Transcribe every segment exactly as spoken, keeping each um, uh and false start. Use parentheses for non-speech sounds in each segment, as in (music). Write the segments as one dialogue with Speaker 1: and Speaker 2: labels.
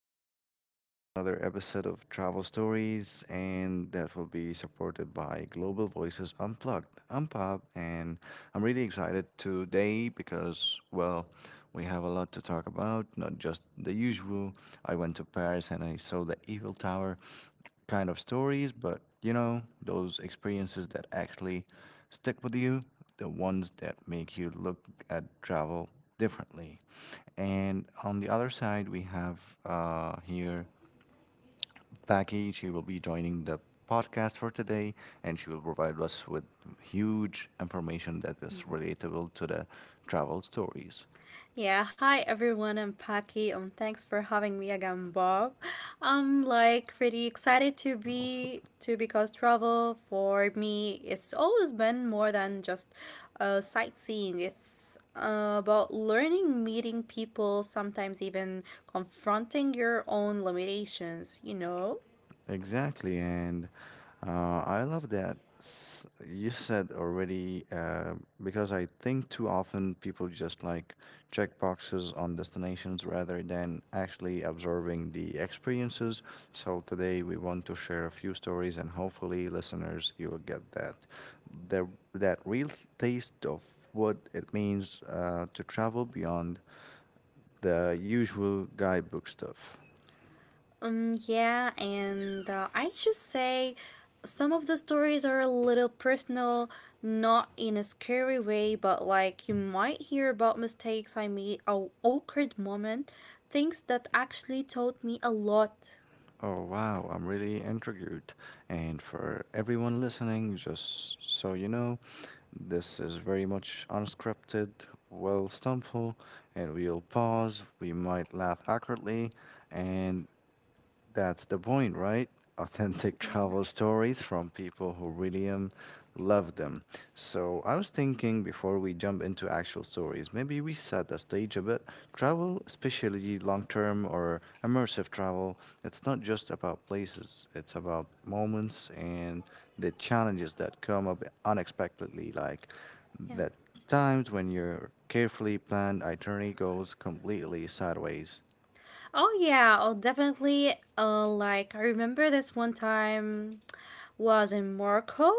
Speaker 1: welcome back to another episode of Travel Stories, and that will be supported by Global Voices Unplugged. I'm Pab, and I'm really excited today because, well, we have a lot to talk about, not just the usual. I went to Paris and I saw the Eiffel Tower kind of stories, but you know, those experiences that actually stick with you, the ones that make you look at travel differently. And on the other side, we have uh, here Becky. She will be joining the podcast for today, and she will provide us with huge information that is relatable to the travel stories.
Speaker 2: Yeah, hi everyone. I'm Paki, and thanks for having me again, Bob. I'm like pretty excited to
Speaker 1: Awesome.
Speaker 2: be to because travel for me it's always been more than just uh, sightseeing. It's uh, about learning, meeting people, sometimes even confronting your own limitations. You know.
Speaker 1: Exactly, and uh, I love that s- you said already, uh, because I think too often people just like check boxes on destinations rather than actually observing the experiences. So today we want to share a few stories, and hopefully, listeners, you will get that the that real taste of what it means uh, to travel beyond the usual guidebook stuff.
Speaker 2: Um, yeah, and uh, I should say some of the stories are a little personal, not in a scary way, but like you might hear about mistakes I made, a awkward moment, things that actually taught me a lot.
Speaker 1: Oh, wow, I'm really intrigued. And for everyone listening, just so you know, this is very much unscripted, well stumble, and we'll pause. We might laugh awkwardly, and that's the point, right? Authentic (laughs) travel stories from people who really um, love them. So, I was thinking before we jump into actual stories, maybe we set the stage a bit. Travel, especially long term or immersive travel, it's not just about places, it's about moments and the challenges that come up unexpectedly, like
Speaker 2: Yeah.
Speaker 1: the times when your carefully planned itinerary goes completely sideways.
Speaker 2: Oh yeah, oh definitely. Uh, like I remember this one time was in Morocco.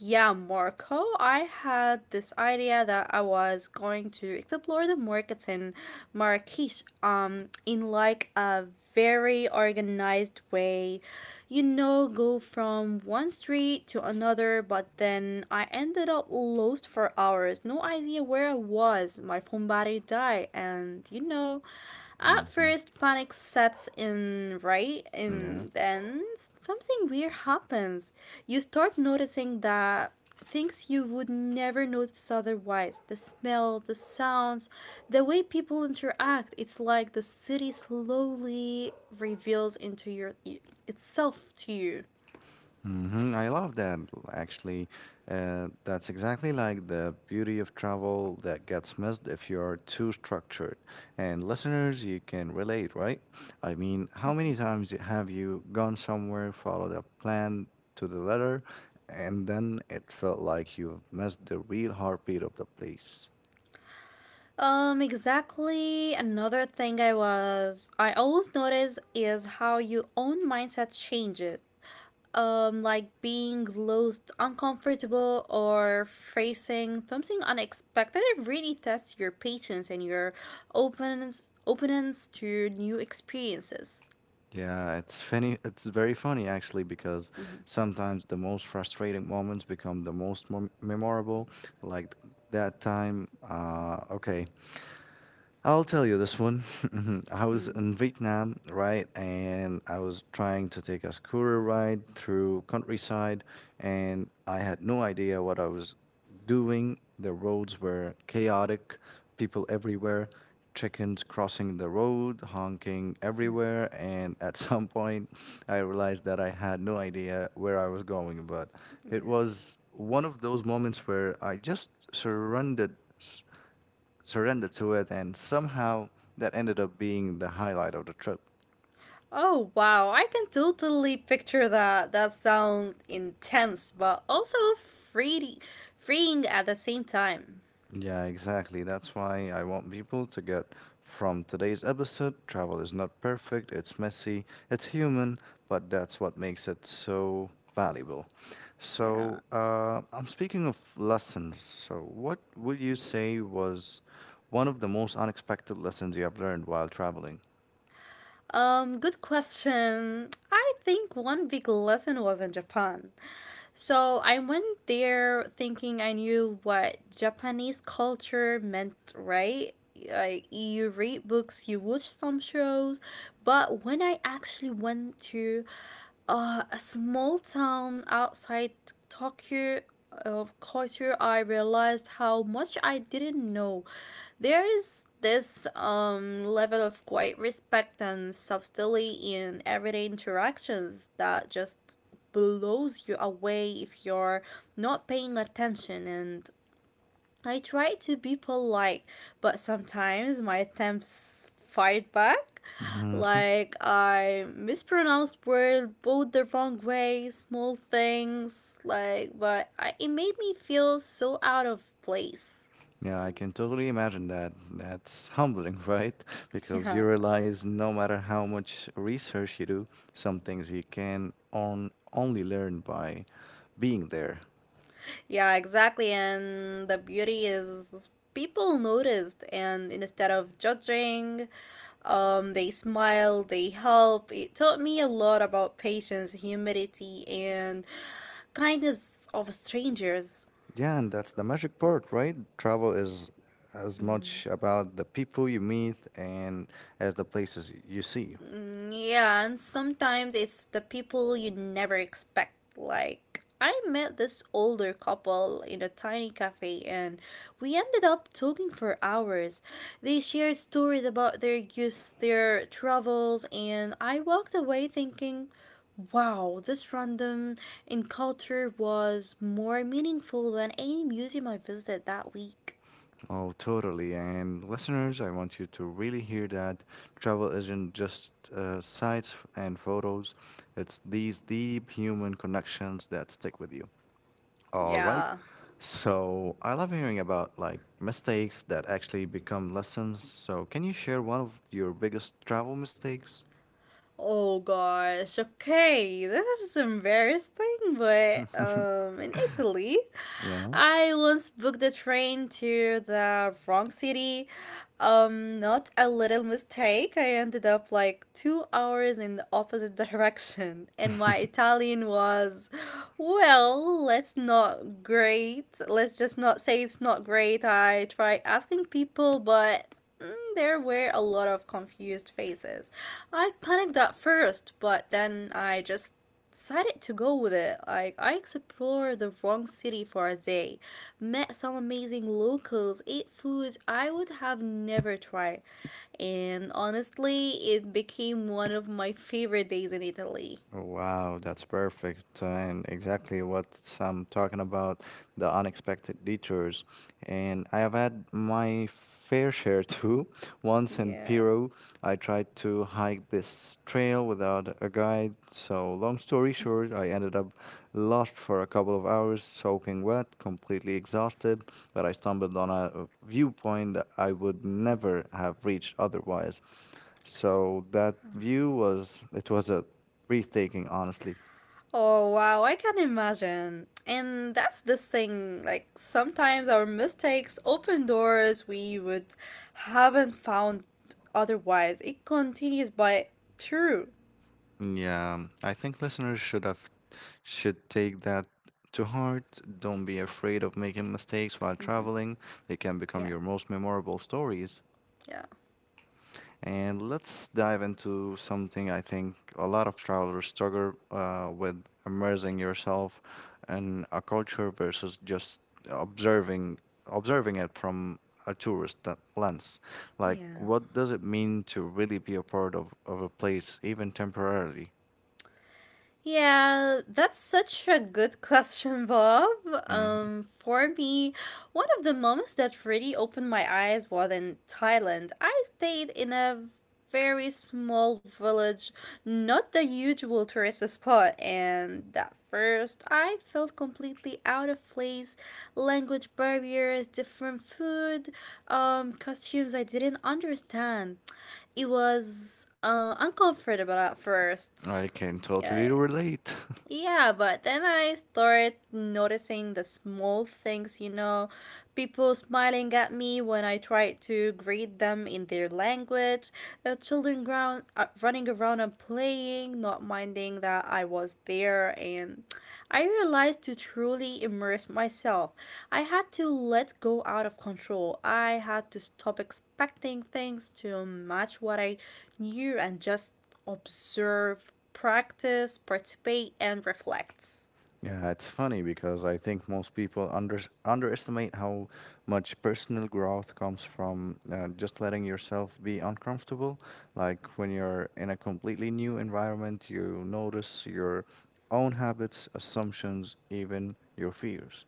Speaker 2: Yeah, Morocco. I had this idea that I was going to explore the markets in Marrakesh. Um, in like a very organized way, you know, go from one street to another. But then I ended up lost for hours. No idea where I was. My phone battery died, and you know. At
Speaker 1: Hmm.
Speaker 2: first, panic sets in, right?
Speaker 1: Yeah.
Speaker 2: And then something weird happens. You start noticing that things you would never notice otherwise, the smell, the sounds, the way people interact. It's like the city slowly reveals into your, itself to you.
Speaker 1: hmm I love that. Actually, uh, that's exactly like the beauty of travel that gets missed if you're too structured. And listeners, you can relate, right? I mean, how many times have you gone somewhere, followed a plan to the letter, and then it felt like you've missed the real heartbeat of the place?
Speaker 2: Um, exactly. Another thing I was I always notice is how your own mindset changes. Um, like being lost, uncomfortable, or facing something unexpected really tests your patience and your openness openness to new experiences.
Speaker 1: Yeah, it's funny. It's very funny actually because sometimes the most frustrating moments become the most mem- memorable. Like that time, uh, okay. I'll tell you this one. (laughs) I was
Speaker 2: Mm,
Speaker 1: in Vietnam, right? And I was trying to take a scooter ride through countryside, and I had no idea what I was doing. The roads were chaotic, people everywhere, chickens crossing the road, honking everywhere. And (laughs) at some point, I realized that I had no idea where I was going. But it
Speaker 2: yeah.
Speaker 1: was one of those moments where I just surrendered surrender to it and somehow that ended up being the highlight of the trip.
Speaker 2: Oh wow, I can totally picture that. That sounds intense, but also free, freeing at the same time.
Speaker 1: Yeah, exactly, that's why I want people to get from today's episode. Travel is not perfect, it's messy, it's human, but that's what makes it so valuable. So,
Speaker 2: Yeah.
Speaker 1: uh, I'm speaking of lessons, so what would you say was one of the most unexpected lessons you have learned while traveling?
Speaker 2: Um, good question. I think one big lesson was in Japan. So I went there thinking I knew what Japanese culture meant, right? Like you read books, you watch some shows, but when I actually went to uh, a small town outside Tokyo, of culture, I realized how much I didn't know. There is this um, level of quiet respect and subtlety in everyday interactions that just blows you away if you're not paying attention, and I try to be polite, but sometimes my attempts fight back.
Speaker 1: Hmm.
Speaker 2: Like I mispronounced words both the wrong way, small things. Like, but I, it made me feel so out of place.
Speaker 1: Yeah, I can totally imagine that. That's humbling, (laughs) right?
Speaker 2: (laughs)
Speaker 1: Because
Speaker 2: Yeah.
Speaker 1: you realize no matter how much research you do, some things you can on only learn by being there.
Speaker 2: Yeah, exactly. And the beauty is people noticed, and instead of judging, um, they smile, they help. It taught me a lot about patience, humility, and kindness of strangers.
Speaker 1: Yeah, and that's the magic part, right? Travel is as much about the people you meet and as the places you see.
Speaker 2: Mm, yeah, and sometimes it's the people you never expect. Like, I met this older couple in a tiny cafe and we ended up talking for hours. They shared stories about their youth, their travels, and I walked away thinking, wow, this random encounter was more meaningful than any museum I visited that week.
Speaker 1: Oh, totally. And listeners, I want you to really hear that travel isn't just, uh, sights f- and photos, it's these deep human connections that stick with you. All right.
Speaker 2: Yeah.
Speaker 1: So I love hearing about like mistakes that actually become lessons. So can you share one of your biggest travel mistakes?
Speaker 2: Oh gosh, okay. This is embarrassing, but um in Italy,
Speaker 1: (laughs) Yeah.
Speaker 2: I once booked a train to the wrong city. Um not a little mistake. I ended up like two hours in the opposite (laughs) direction and my
Speaker 1: (laughs)
Speaker 2: Italian was well, let's not great. Let's just not say it's not great. I tried asking people, but Mm, there were a lot of confused faces. I panicked at first, but then I just decided to go with it. Like, I explored the wrong city for a day, met some amazing locals, ate food I would have never tried, and honestly, it became one of my favorite days in Italy.
Speaker 1: Wow, that's perfect. And exactly what I'm talking about, the unexpected detours. And I have had my fair share too. (laughs) Once in
Speaker 2: Yeah.
Speaker 1: Peru, I tried to hike this trail without a guide. So, long story short, I ended up lost for a couple of hours, soaking wet, completely exhausted, but I stumbled on a viewpoint that I would never have reached otherwise. So that view was it was a breathtaking, honestly.
Speaker 2: Oh wow, I can imagine. And that's the thing, like sometimes our mistakes open doors we would haven't found otherwise. It continues by true.
Speaker 1: Yeah, I think listeners should have should take that to heart. Don't be afraid of making mistakes while traveling. They can become
Speaker 2: Yeah,
Speaker 1: your most memorable stories.
Speaker 2: yeah.
Speaker 1: And let's dive into something I think a lot of travelers struggle uh, with, immersing yourself in a culture versus just observing observing it from a tourist th- lens. Like,
Speaker 2: Yeah.
Speaker 1: what does it mean to really be a part of, of a place, even temporarily?
Speaker 2: Yeah, that's such a good (laughs) question, Bob.
Speaker 1: Mhm.
Speaker 2: Um, for me, one of the moments that really opened my eyes was in Thailand. I stayed in a very small village, not the usual tourist spot, and at first I felt completely out of place. Language barriers, different food, um, costumes I didn't understand. It was uh, uncomfortable at first.
Speaker 1: I can totally
Speaker 2: Uh,
Speaker 1: relate. (laughs)
Speaker 2: yeah, but then I started noticing the small things, you know, people smiling at me when I tried to greet them in their language, uh, children ground, uh, running around and playing, not minding that I was there, and I realized to truly immerse myself, I had to let go out of control. I had to stop expecting things to match what I knew and just observe, practice, participate, and reflect.
Speaker 1: Yeah, it's funny because I think most people under, underestimate how much personal growth comes from uh, just letting yourself be uncomfortable. Like when you're in a completely new environment, you notice your own habits, assumptions, even your fears.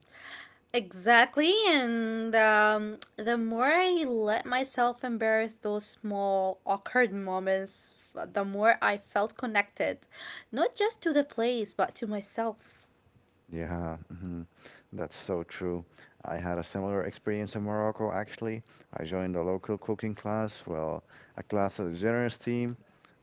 Speaker 2: Exactly, and um, the more I let myself embrace those small, awkward moments, the more I felt connected, not just to the place, but to myself.
Speaker 1: Yeah. Mhm. That's so true. I had a similar experience in Morocco, actually. I joined a local cooking class, well, a class of the generous team,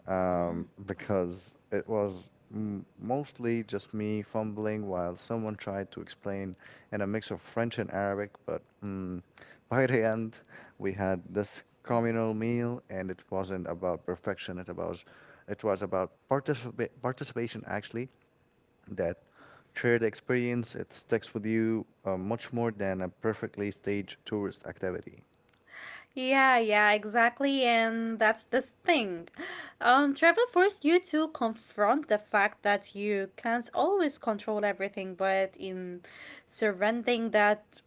Speaker 1: um, because it was m mostly just me fumbling while someone tried to explain in a mix of French and Arabic. But mm, (laughs) by the end, we had this communal meal, and it wasn't about perfection. It about it was about participa participation, actually. That shared experience, it sticks with you uh, much more than a perfectly staged tourist activity.
Speaker 2: Yeah, yeah, exactly, and that's the thing. Um, travel forced you to confront the fact that you can't always control everything, but in surrendering that,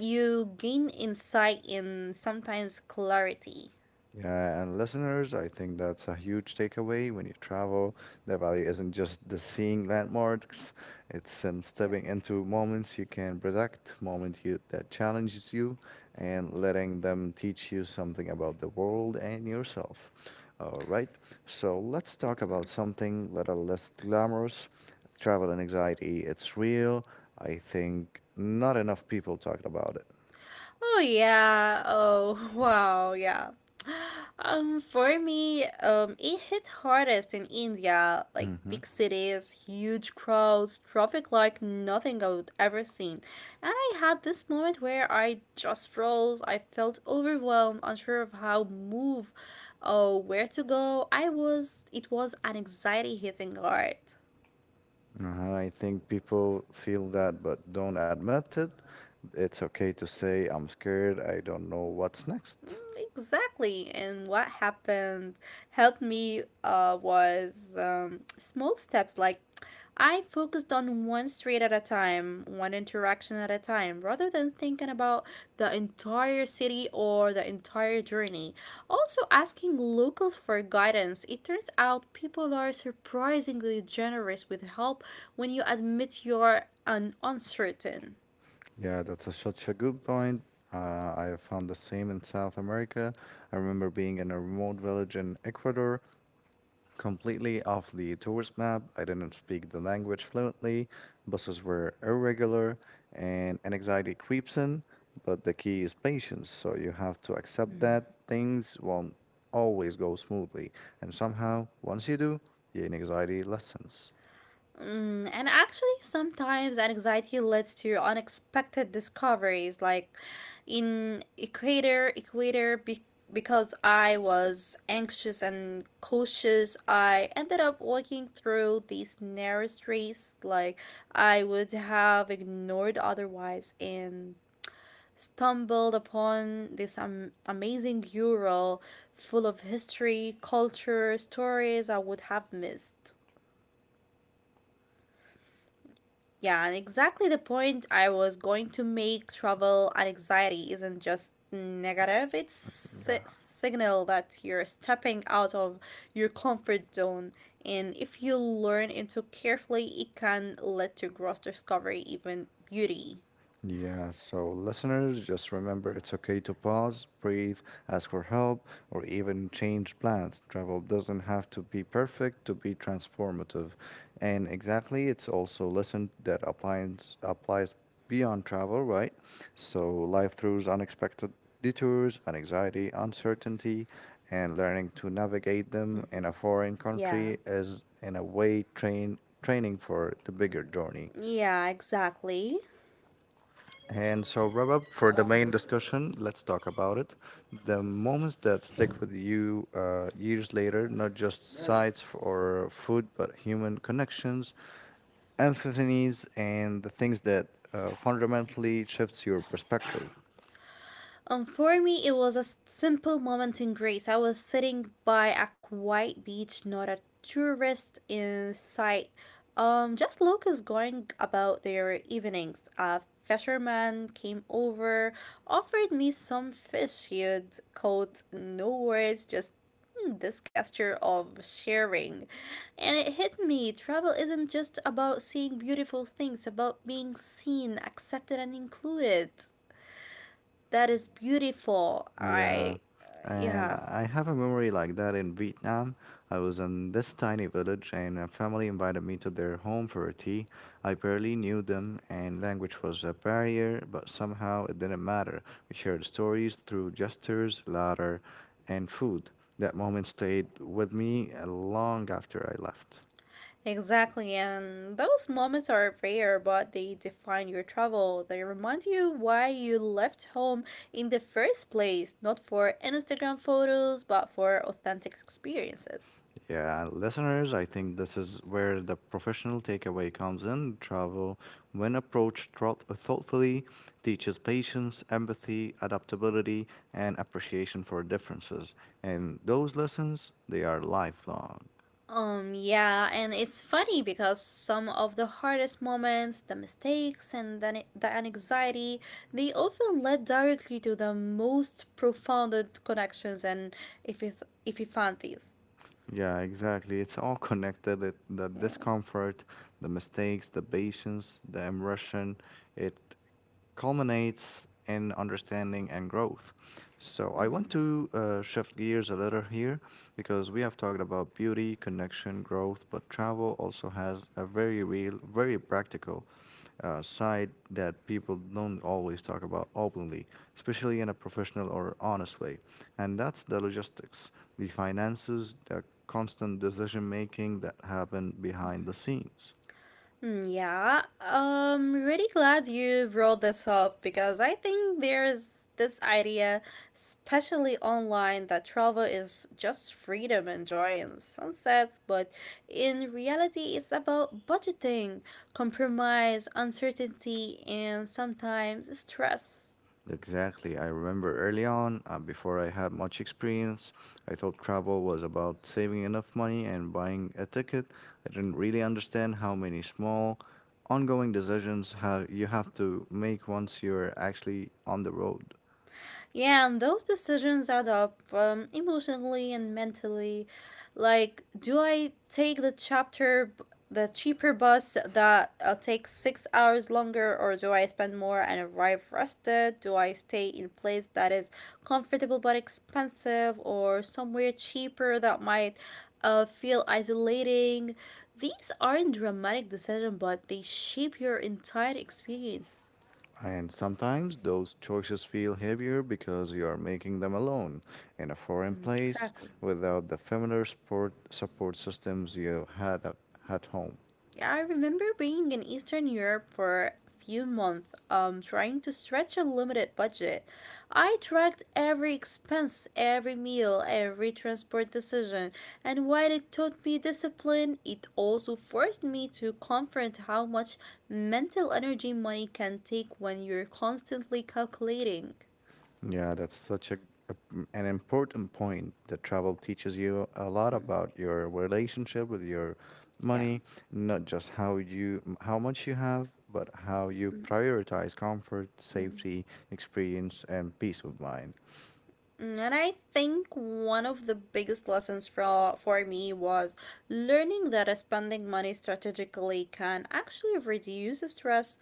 Speaker 2: you gain insight and sometimes clarity.
Speaker 1: Yeah, and listeners, I think that's a huge takeaway when you travel. The value isn't just the seeing landmarks, it's in
Speaker 2: Yeah.
Speaker 1: stepping into moments you can predict, moments you, that challenges you, and letting them teach you something about the world and yourself. All right, so let's talk about something little less glamorous. Travel and anxiety, it's real. I think not enough people talked about it.
Speaker 2: Oh yeah. Oh (laughs) wow. Yeah. Um, for me, um, it hit hardest in India, like
Speaker 1: hmm
Speaker 2: big cities, huge crowds, traffic like nothing I would ever seen. And I had this moment where I just froze. I felt overwhelmed, unsure of how move, or where to go. I was, it was an anxiety hitting hard.
Speaker 1: Uh, I think people feel that but don't admit it. It's okay to say, I'm scared, I don't know what's next.
Speaker 2: Exactly. And what happened helped me uh, was um, small steps like I focused on one street at a time, one interaction at a time, rather than thinking about the entire city or the entire journey. Also, asking locals for guidance. It turns out people are surprisingly generous with help when you admit you're un- uncertain.
Speaker 1: Yeah, that's a, such a good point. Uh, I found the same in South America. I remember being in a remote village in Ecuador completely off the tourist map. I didn't speak the language fluently, buses were irregular, and anxiety creeps in. But the key is patience, so you have to accept that things won't always go smoothly. And somehow, once you do, the anxiety lessens.
Speaker 2: Mm, and actually, sometimes anxiety leads to unexpected discoveries, like in Equator, Equator, be- because I was anxious and cautious, I ended up walking through these narrow streets like I would have ignored otherwise and stumbled upon this um, amazing mural full of history, culture, stories I would have missed. Yeah, and exactly the point I was going to make travel and anxiety isn't just negative, it's a signal that you're stepping out of your comfort zone. And if you learn it too carefully, it can lead to gross discovery, even beauty.
Speaker 1: Yeah, so listeners, just remember it's okay to pause, breathe, ask for help, or even change plans. Travel doesn't have to be perfect to be transformative. And exactly, it's also lesson that applies applies beyond travel, right? So life throws unexpected detours, and anxiety, uncertainty, and learning to navigate them in a foreign
Speaker 2: Yeah.
Speaker 1: country is in a way train training for the bigger journey.
Speaker 2: Yeah, exactly.
Speaker 1: And so, wrap up for the main discussion, let's talk about it. The moments that stick with you uh, years later, not just sights f- or food, but human connections, epiphanies, and the things that uh, fundamentally shifts your perspective.
Speaker 2: Um, for me, it was a s- simple moment in Greece. I was sitting by a quiet beach, not a tourist in sight. Um, just locals going about their evenings. A fisherman came over, offered me some fish he had caught. No words, just "Hmm," this gesture of sharing. And it hit me. Travel isn't just about seeing beautiful things, about being seen, accepted, and included. That is beautiful.
Speaker 1: Yeah,
Speaker 2: I,
Speaker 1: and
Speaker 2: yeah,
Speaker 1: I I have a memory like that in Vietnam. I was in this tiny village, and a family invited me to their home for a tea. I barely knew them, and language was a barrier, but somehow it didn't matter. We shared stories through gestures, laughter, and food. That moment stayed with me uh, long after I left.
Speaker 2: exactly. And those moments are rare, but they define your travel. They remind you why you left home in the first place, not for Instagram photos, but for authentic experiences.
Speaker 1: Yeah, listeners, I think this is where the professional takeaway comes in. Travel, when approached thought- thoughtfully, teaches patience, empathy, adaptability, and appreciation for differences. And those lessons, they are lifelong.
Speaker 2: Um, yeah, and it's funny because some of the hardest moments, the mistakes, and the, the anxiety, they often lead directly to the most profound connections. And if you, th- if you find these,
Speaker 1: Yeah, exactly. It's all connected. It, the discomfort, the mistakes, the patience, the immersion, it culminates in understanding and growth. So, I want to uh, shift gears a little here because we have talked about beauty, connection, growth, but travel also has a very real, very practical uh, side that people don't always talk about openly, especially in a professional or honest way. And that's the logistics, the finances, the constant decision making that happen behind the scenes.
Speaker 2: mm, yeah, um, really glad you brought this up because I think there's this idea, especially online, that travel is just freedom enjoying sunsets, but in reality, it's about budgeting, compromise, uncertainty, and sometimes stress.
Speaker 1: Exactly. I remember early on, uh, before I had much experience, I thought travel was about saving enough money and buying a ticket. I didn't really understand how many small, ongoing decisions have you have to make once you're actually on the road.
Speaker 2: Yeah, and those decisions add up um, emotionally and mentally. Like, do I take the chapter, b- the cheaper bus that uh, takes six hours longer, or do I spend more and arrive rested? Do I stay in place that is comfortable but expensive, or somewhere cheaper that might uh, feel isolating? These aren't dramatic decisions, but they shape your entire experience.
Speaker 1: And sometimes those choices feel heavier because you are making them alone in a foreign place
Speaker 2: Exactly.
Speaker 1: without the familiar support support systems you had at at home.
Speaker 2: Yeah, I remember being in Eastern Europe for a few months, um, trying to stretch a limited budget. I tracked every expense, every meal, every transport decision, and while it taught me discipline, it also forced me to confront how much mental energy money can take when you're constantly calculating.
Speaker 1: Yeah, that's such a, a- mm, an important point, that travel teaches you a lot about your relationship with your
Speaker 2: Yeah.
Speaker 1: money, not just how you m- how much you have, but how you prioritize comfort, safety, experience, and peace of mind.
Speaker 2: And I think one of the biggest lessons for, for me was learning that uh, spending money strategically can actually reduce stress.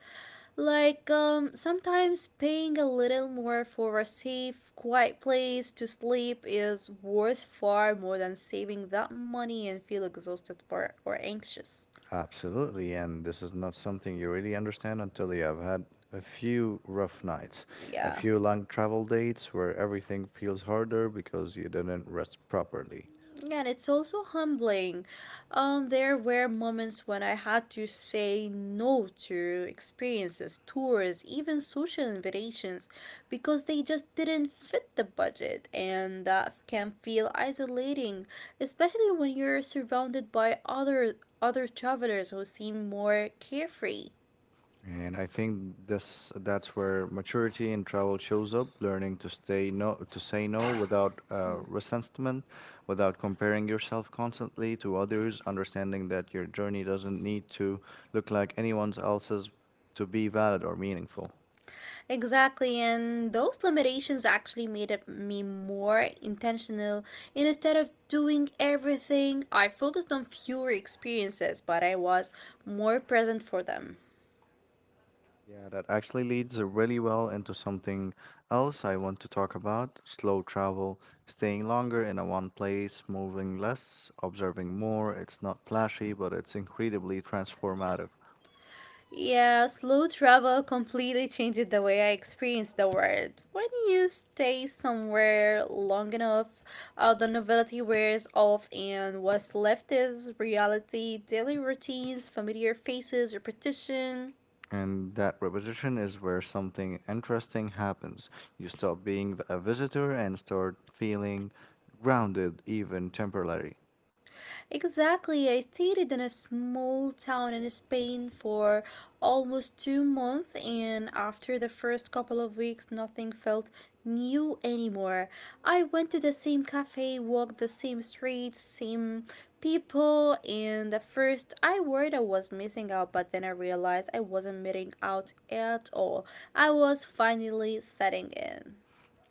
Speaker 2: Like um, sometimes paying a little more for a safe, quiet place to sleep is worth far more than saving that money and feel exhausted for or anxious.
Speaker 1: Absolutely, and this is not something you really understand until you have had a few rough nights, a
Speaker 2: Yeah.
Speaker 1: few long travel dates where everything feels harder because you didn't rest properly.
Speaker 2: Yeah, and it's also humbling. Um, there were moments when I had to say no to experiences, tours, even social invitations because they just didn't fit the budget, and that can feel isolating, especially when you're surrounded by other other travelers who seem more carefree.
Speaker 1: And I think this that's where maturity in travel shows up, learning to stay no to say no without uh, resentment, without comparing yourself constantly to others, understanding that your journey doesn't need to look like anyone else's to be valid or meaningful.
Speaker 2: Exactly, and those limitations actually made it me more intentional. And instead of doing everything, I focused on fewer experiences, but I was more present for them.
Speaker 1: Yeah, that actually leads really well into something else I want to talk about, slow travel, staying longer in a one place, moving less, observing more. It's not flashy, but it's incredibly transformative.
Speaker 2: Yeah, slow travel completely changed the way I experienced the world. When you stay somewhere long enough, uh, the novelty wears off, and what's left is reality, daily routines, familiar faces, repetition.
Speaker 1: And that repetition is where something interesting happens. You stop being a visitor and start feeling grounded, even temporarily.
Speaker 2: Exactly. I stayed in a small town in Spain for almost two months, and after the first couple of weeks, nothing felt new anymore. I went to the same cafe, walked the same streets, same people, and at first I worried I was missing out, but then I realized I wasn't missing out at all. I was finally setting in.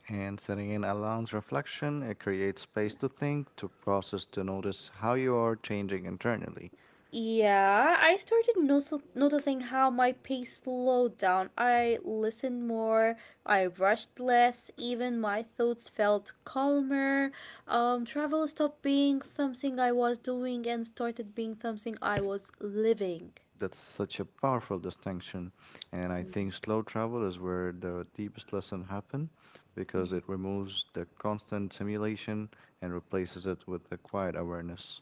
Speaker 1: And setting in allows reflection, it creates space to think, to process, to notice how you are changing internally.
Speaker 2: Yeah, I started nos- noticing how my pace slowed down. I listened more, I rushed less, even my thoughts felt calmer. Um, travel stopped being something I was doing and started being something I was living.
Speaker 1: That's such a powerful distinction. And I think slow travel is where the deepest lesson happen, because it removes the constant simulation and replaces it with the quiet awareness.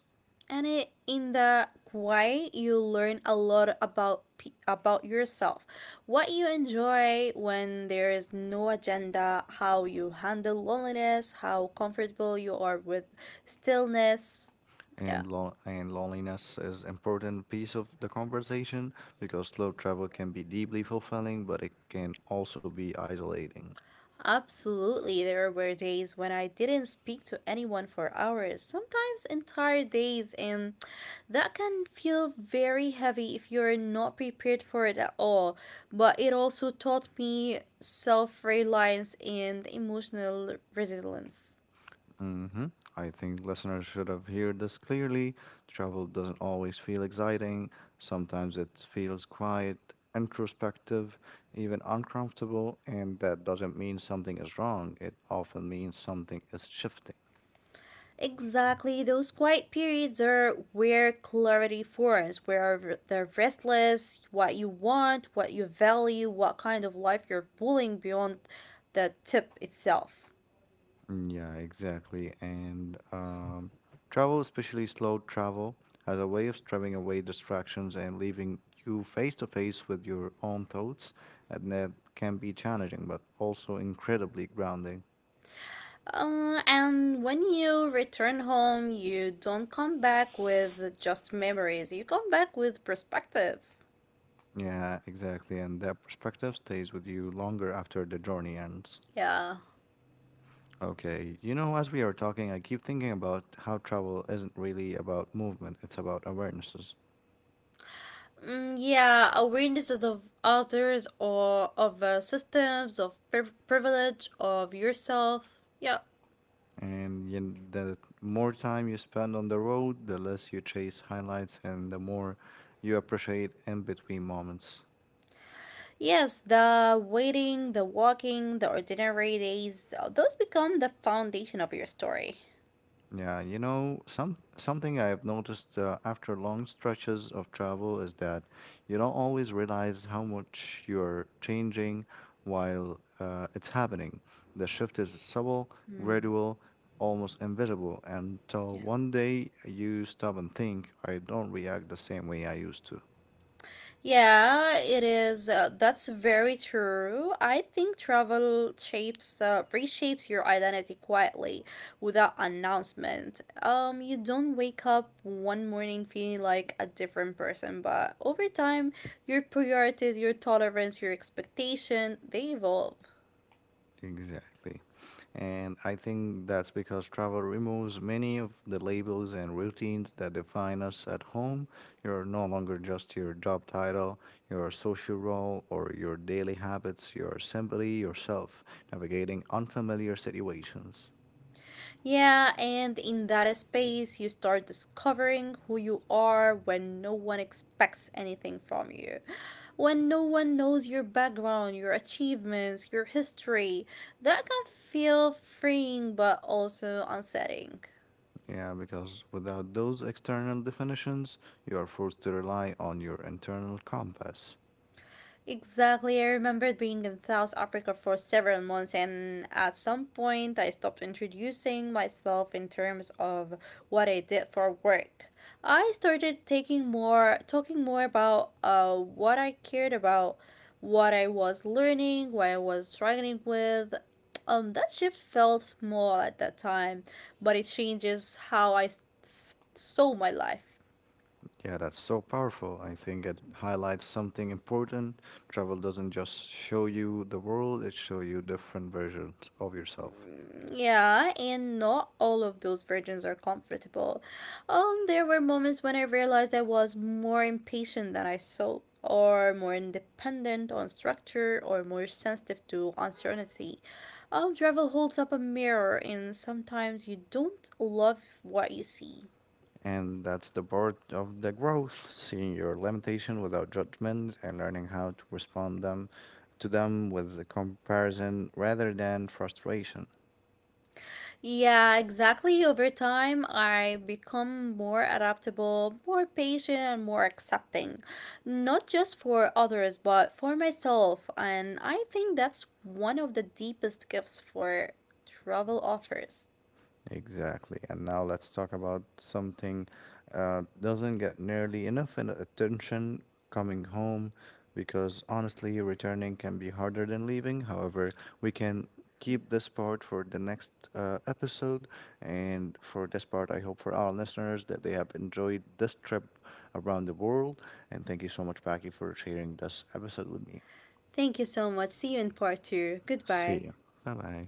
Speaker 2: And it, in that way you learn a lot about pe- about yourself, what you enjoy when there is no agenda, how you handle loneliness, how comfortable you are with stillness. Yeah.
Speaker 1: and lo- and loneliness is important piece of the conversation, because slow travel can be deeply fulfilling, but it can also be isolating.
Speaker 2: Absolutely, there were days when I didn't speak to anyone for hours, sometimes entire days, and that can feel very heavy if you're not prepared for it at all. But it also taught me self reliance and emotional resilience.
Speaker 1: hmm I think listeners should have heard this clearly. Travel doesn't always feel exciting. Sometimes it feels quiet, introspective, even uncomfortable, and that doesn't mean something is wrong. It often means something is shifting.
Speaker 2: Exactly, those quiet periods are where clarity forms, where the restless, what you want, what you value, what kind of life you're pulling beyond the tip itself.
Speaker 1: Mm, yeah, exactly. And um, travel, especially slow travel, as a way of stripping away distractions and leaving you face to face with your own thoughts, and that can be challenging, but also incredibly grounding.
Speaker 2: Uh, and when you return home, you don't come back with just memories, you come back with perspective.
Speaker 1: Yeah, exactly. And that perspective stays with you longer after the journey ends.
Speaker 2: Yeah.
Speaker 1: Okay, you know, as we are talking, I keep thinking about how travel isn't really about movement, it's about awarenesses.
Speaker 2: Mm, yeah, awareness of others or of uh, systems, of priv- privilege, of yourself. Yeah.
Speaker 1: And you, the more time you spend on the road, the less you chase highlights and the more you appreciate in between moments.
Speaker 2: Yes, the waiting, the walking, the ordinary days, uh, those become the foundation of your story.
Speaker 1: Yeah, you know, some something I've noticed uh, after long stretches of travel is that you don't always realize how much you're changing while uh, it's happening. The shift is subtle, gradual, almost invisible, until
Speaker 2: Yeah.
Speaker 1: one day you stop and think, I don't react the same way I used to.
Speaker 2: Yeah, it is. Uh, that's very true. I think travel shapes, uh, reshapes your identity quietly without announcement. Um, you don't wake up one morning feeling like a different person, but over time, your priorities, your tolerance, your expectation, they evolve.
Speaker 1: Exactly. And I think that's because travel removes many of the labels and routines that define us at home. You're no longer just your job title, your social role, or your daily habits. You're simply yourself navigating unfamiliar situations.
Speaker 2: Yeah, and in that space, you start discovering who you are when no one expects anything from you. When no one knows your background, your achievements, your history, that can feel freeing but also unsettling.
Speaker 1: Yeah, because without those external definitions, you are forced to rely on your internal compass.
Speaker 2: Exactly. I remember being in South Africa for several months, and at some point, I stopped introducing myself in terms of what I did for work. I started taking more, talking more about uh, what I cared about, what I was learning, what I was struggling with. Um, that shift felt small at that time, but it changes how I s- s- saw my life.
Speaker 1: Yeah, that's so powerful. I think it highlights something important. Travel doesn't just show you the world, it shows you different versions of yourself.
Speaker 2: Yeah, and not all of those versions are comfortable. Um, there were moments when I realized I was more impatient than I thought, or more independent on structure, or more sensitive to uncertainty. Um, travel holds up a mirror, and sometimes you don't love what you see.
Speaker 1: And that's the part of the growth, seeing your limitation without judgment and learning how to respond them to them with the comparison rather than frustration.
Speaker 2: Yeah, exactly. Over time, I become more adaptable, more patient, and more accepting, not just for others, but for myself. And I think that's one of the deepest gifts for travel offers.
Speaker 1: Exactly. And now let's talk about something uh, doesn't get nearly enough in- attention, coming home, because honestly, returning can be harder than leaving. However, we can keep this part for the next uh, episode. And for this part, I hope for our listeners that they have enjoyed this trip around the world. And thank you so much, Paki, for sharing this episode with me.
Speaker 2: Thank you so much. See you in part two.
Speaker 1: See
Speaker 2: Goodbye.
Speaker 1: you. Bye bye.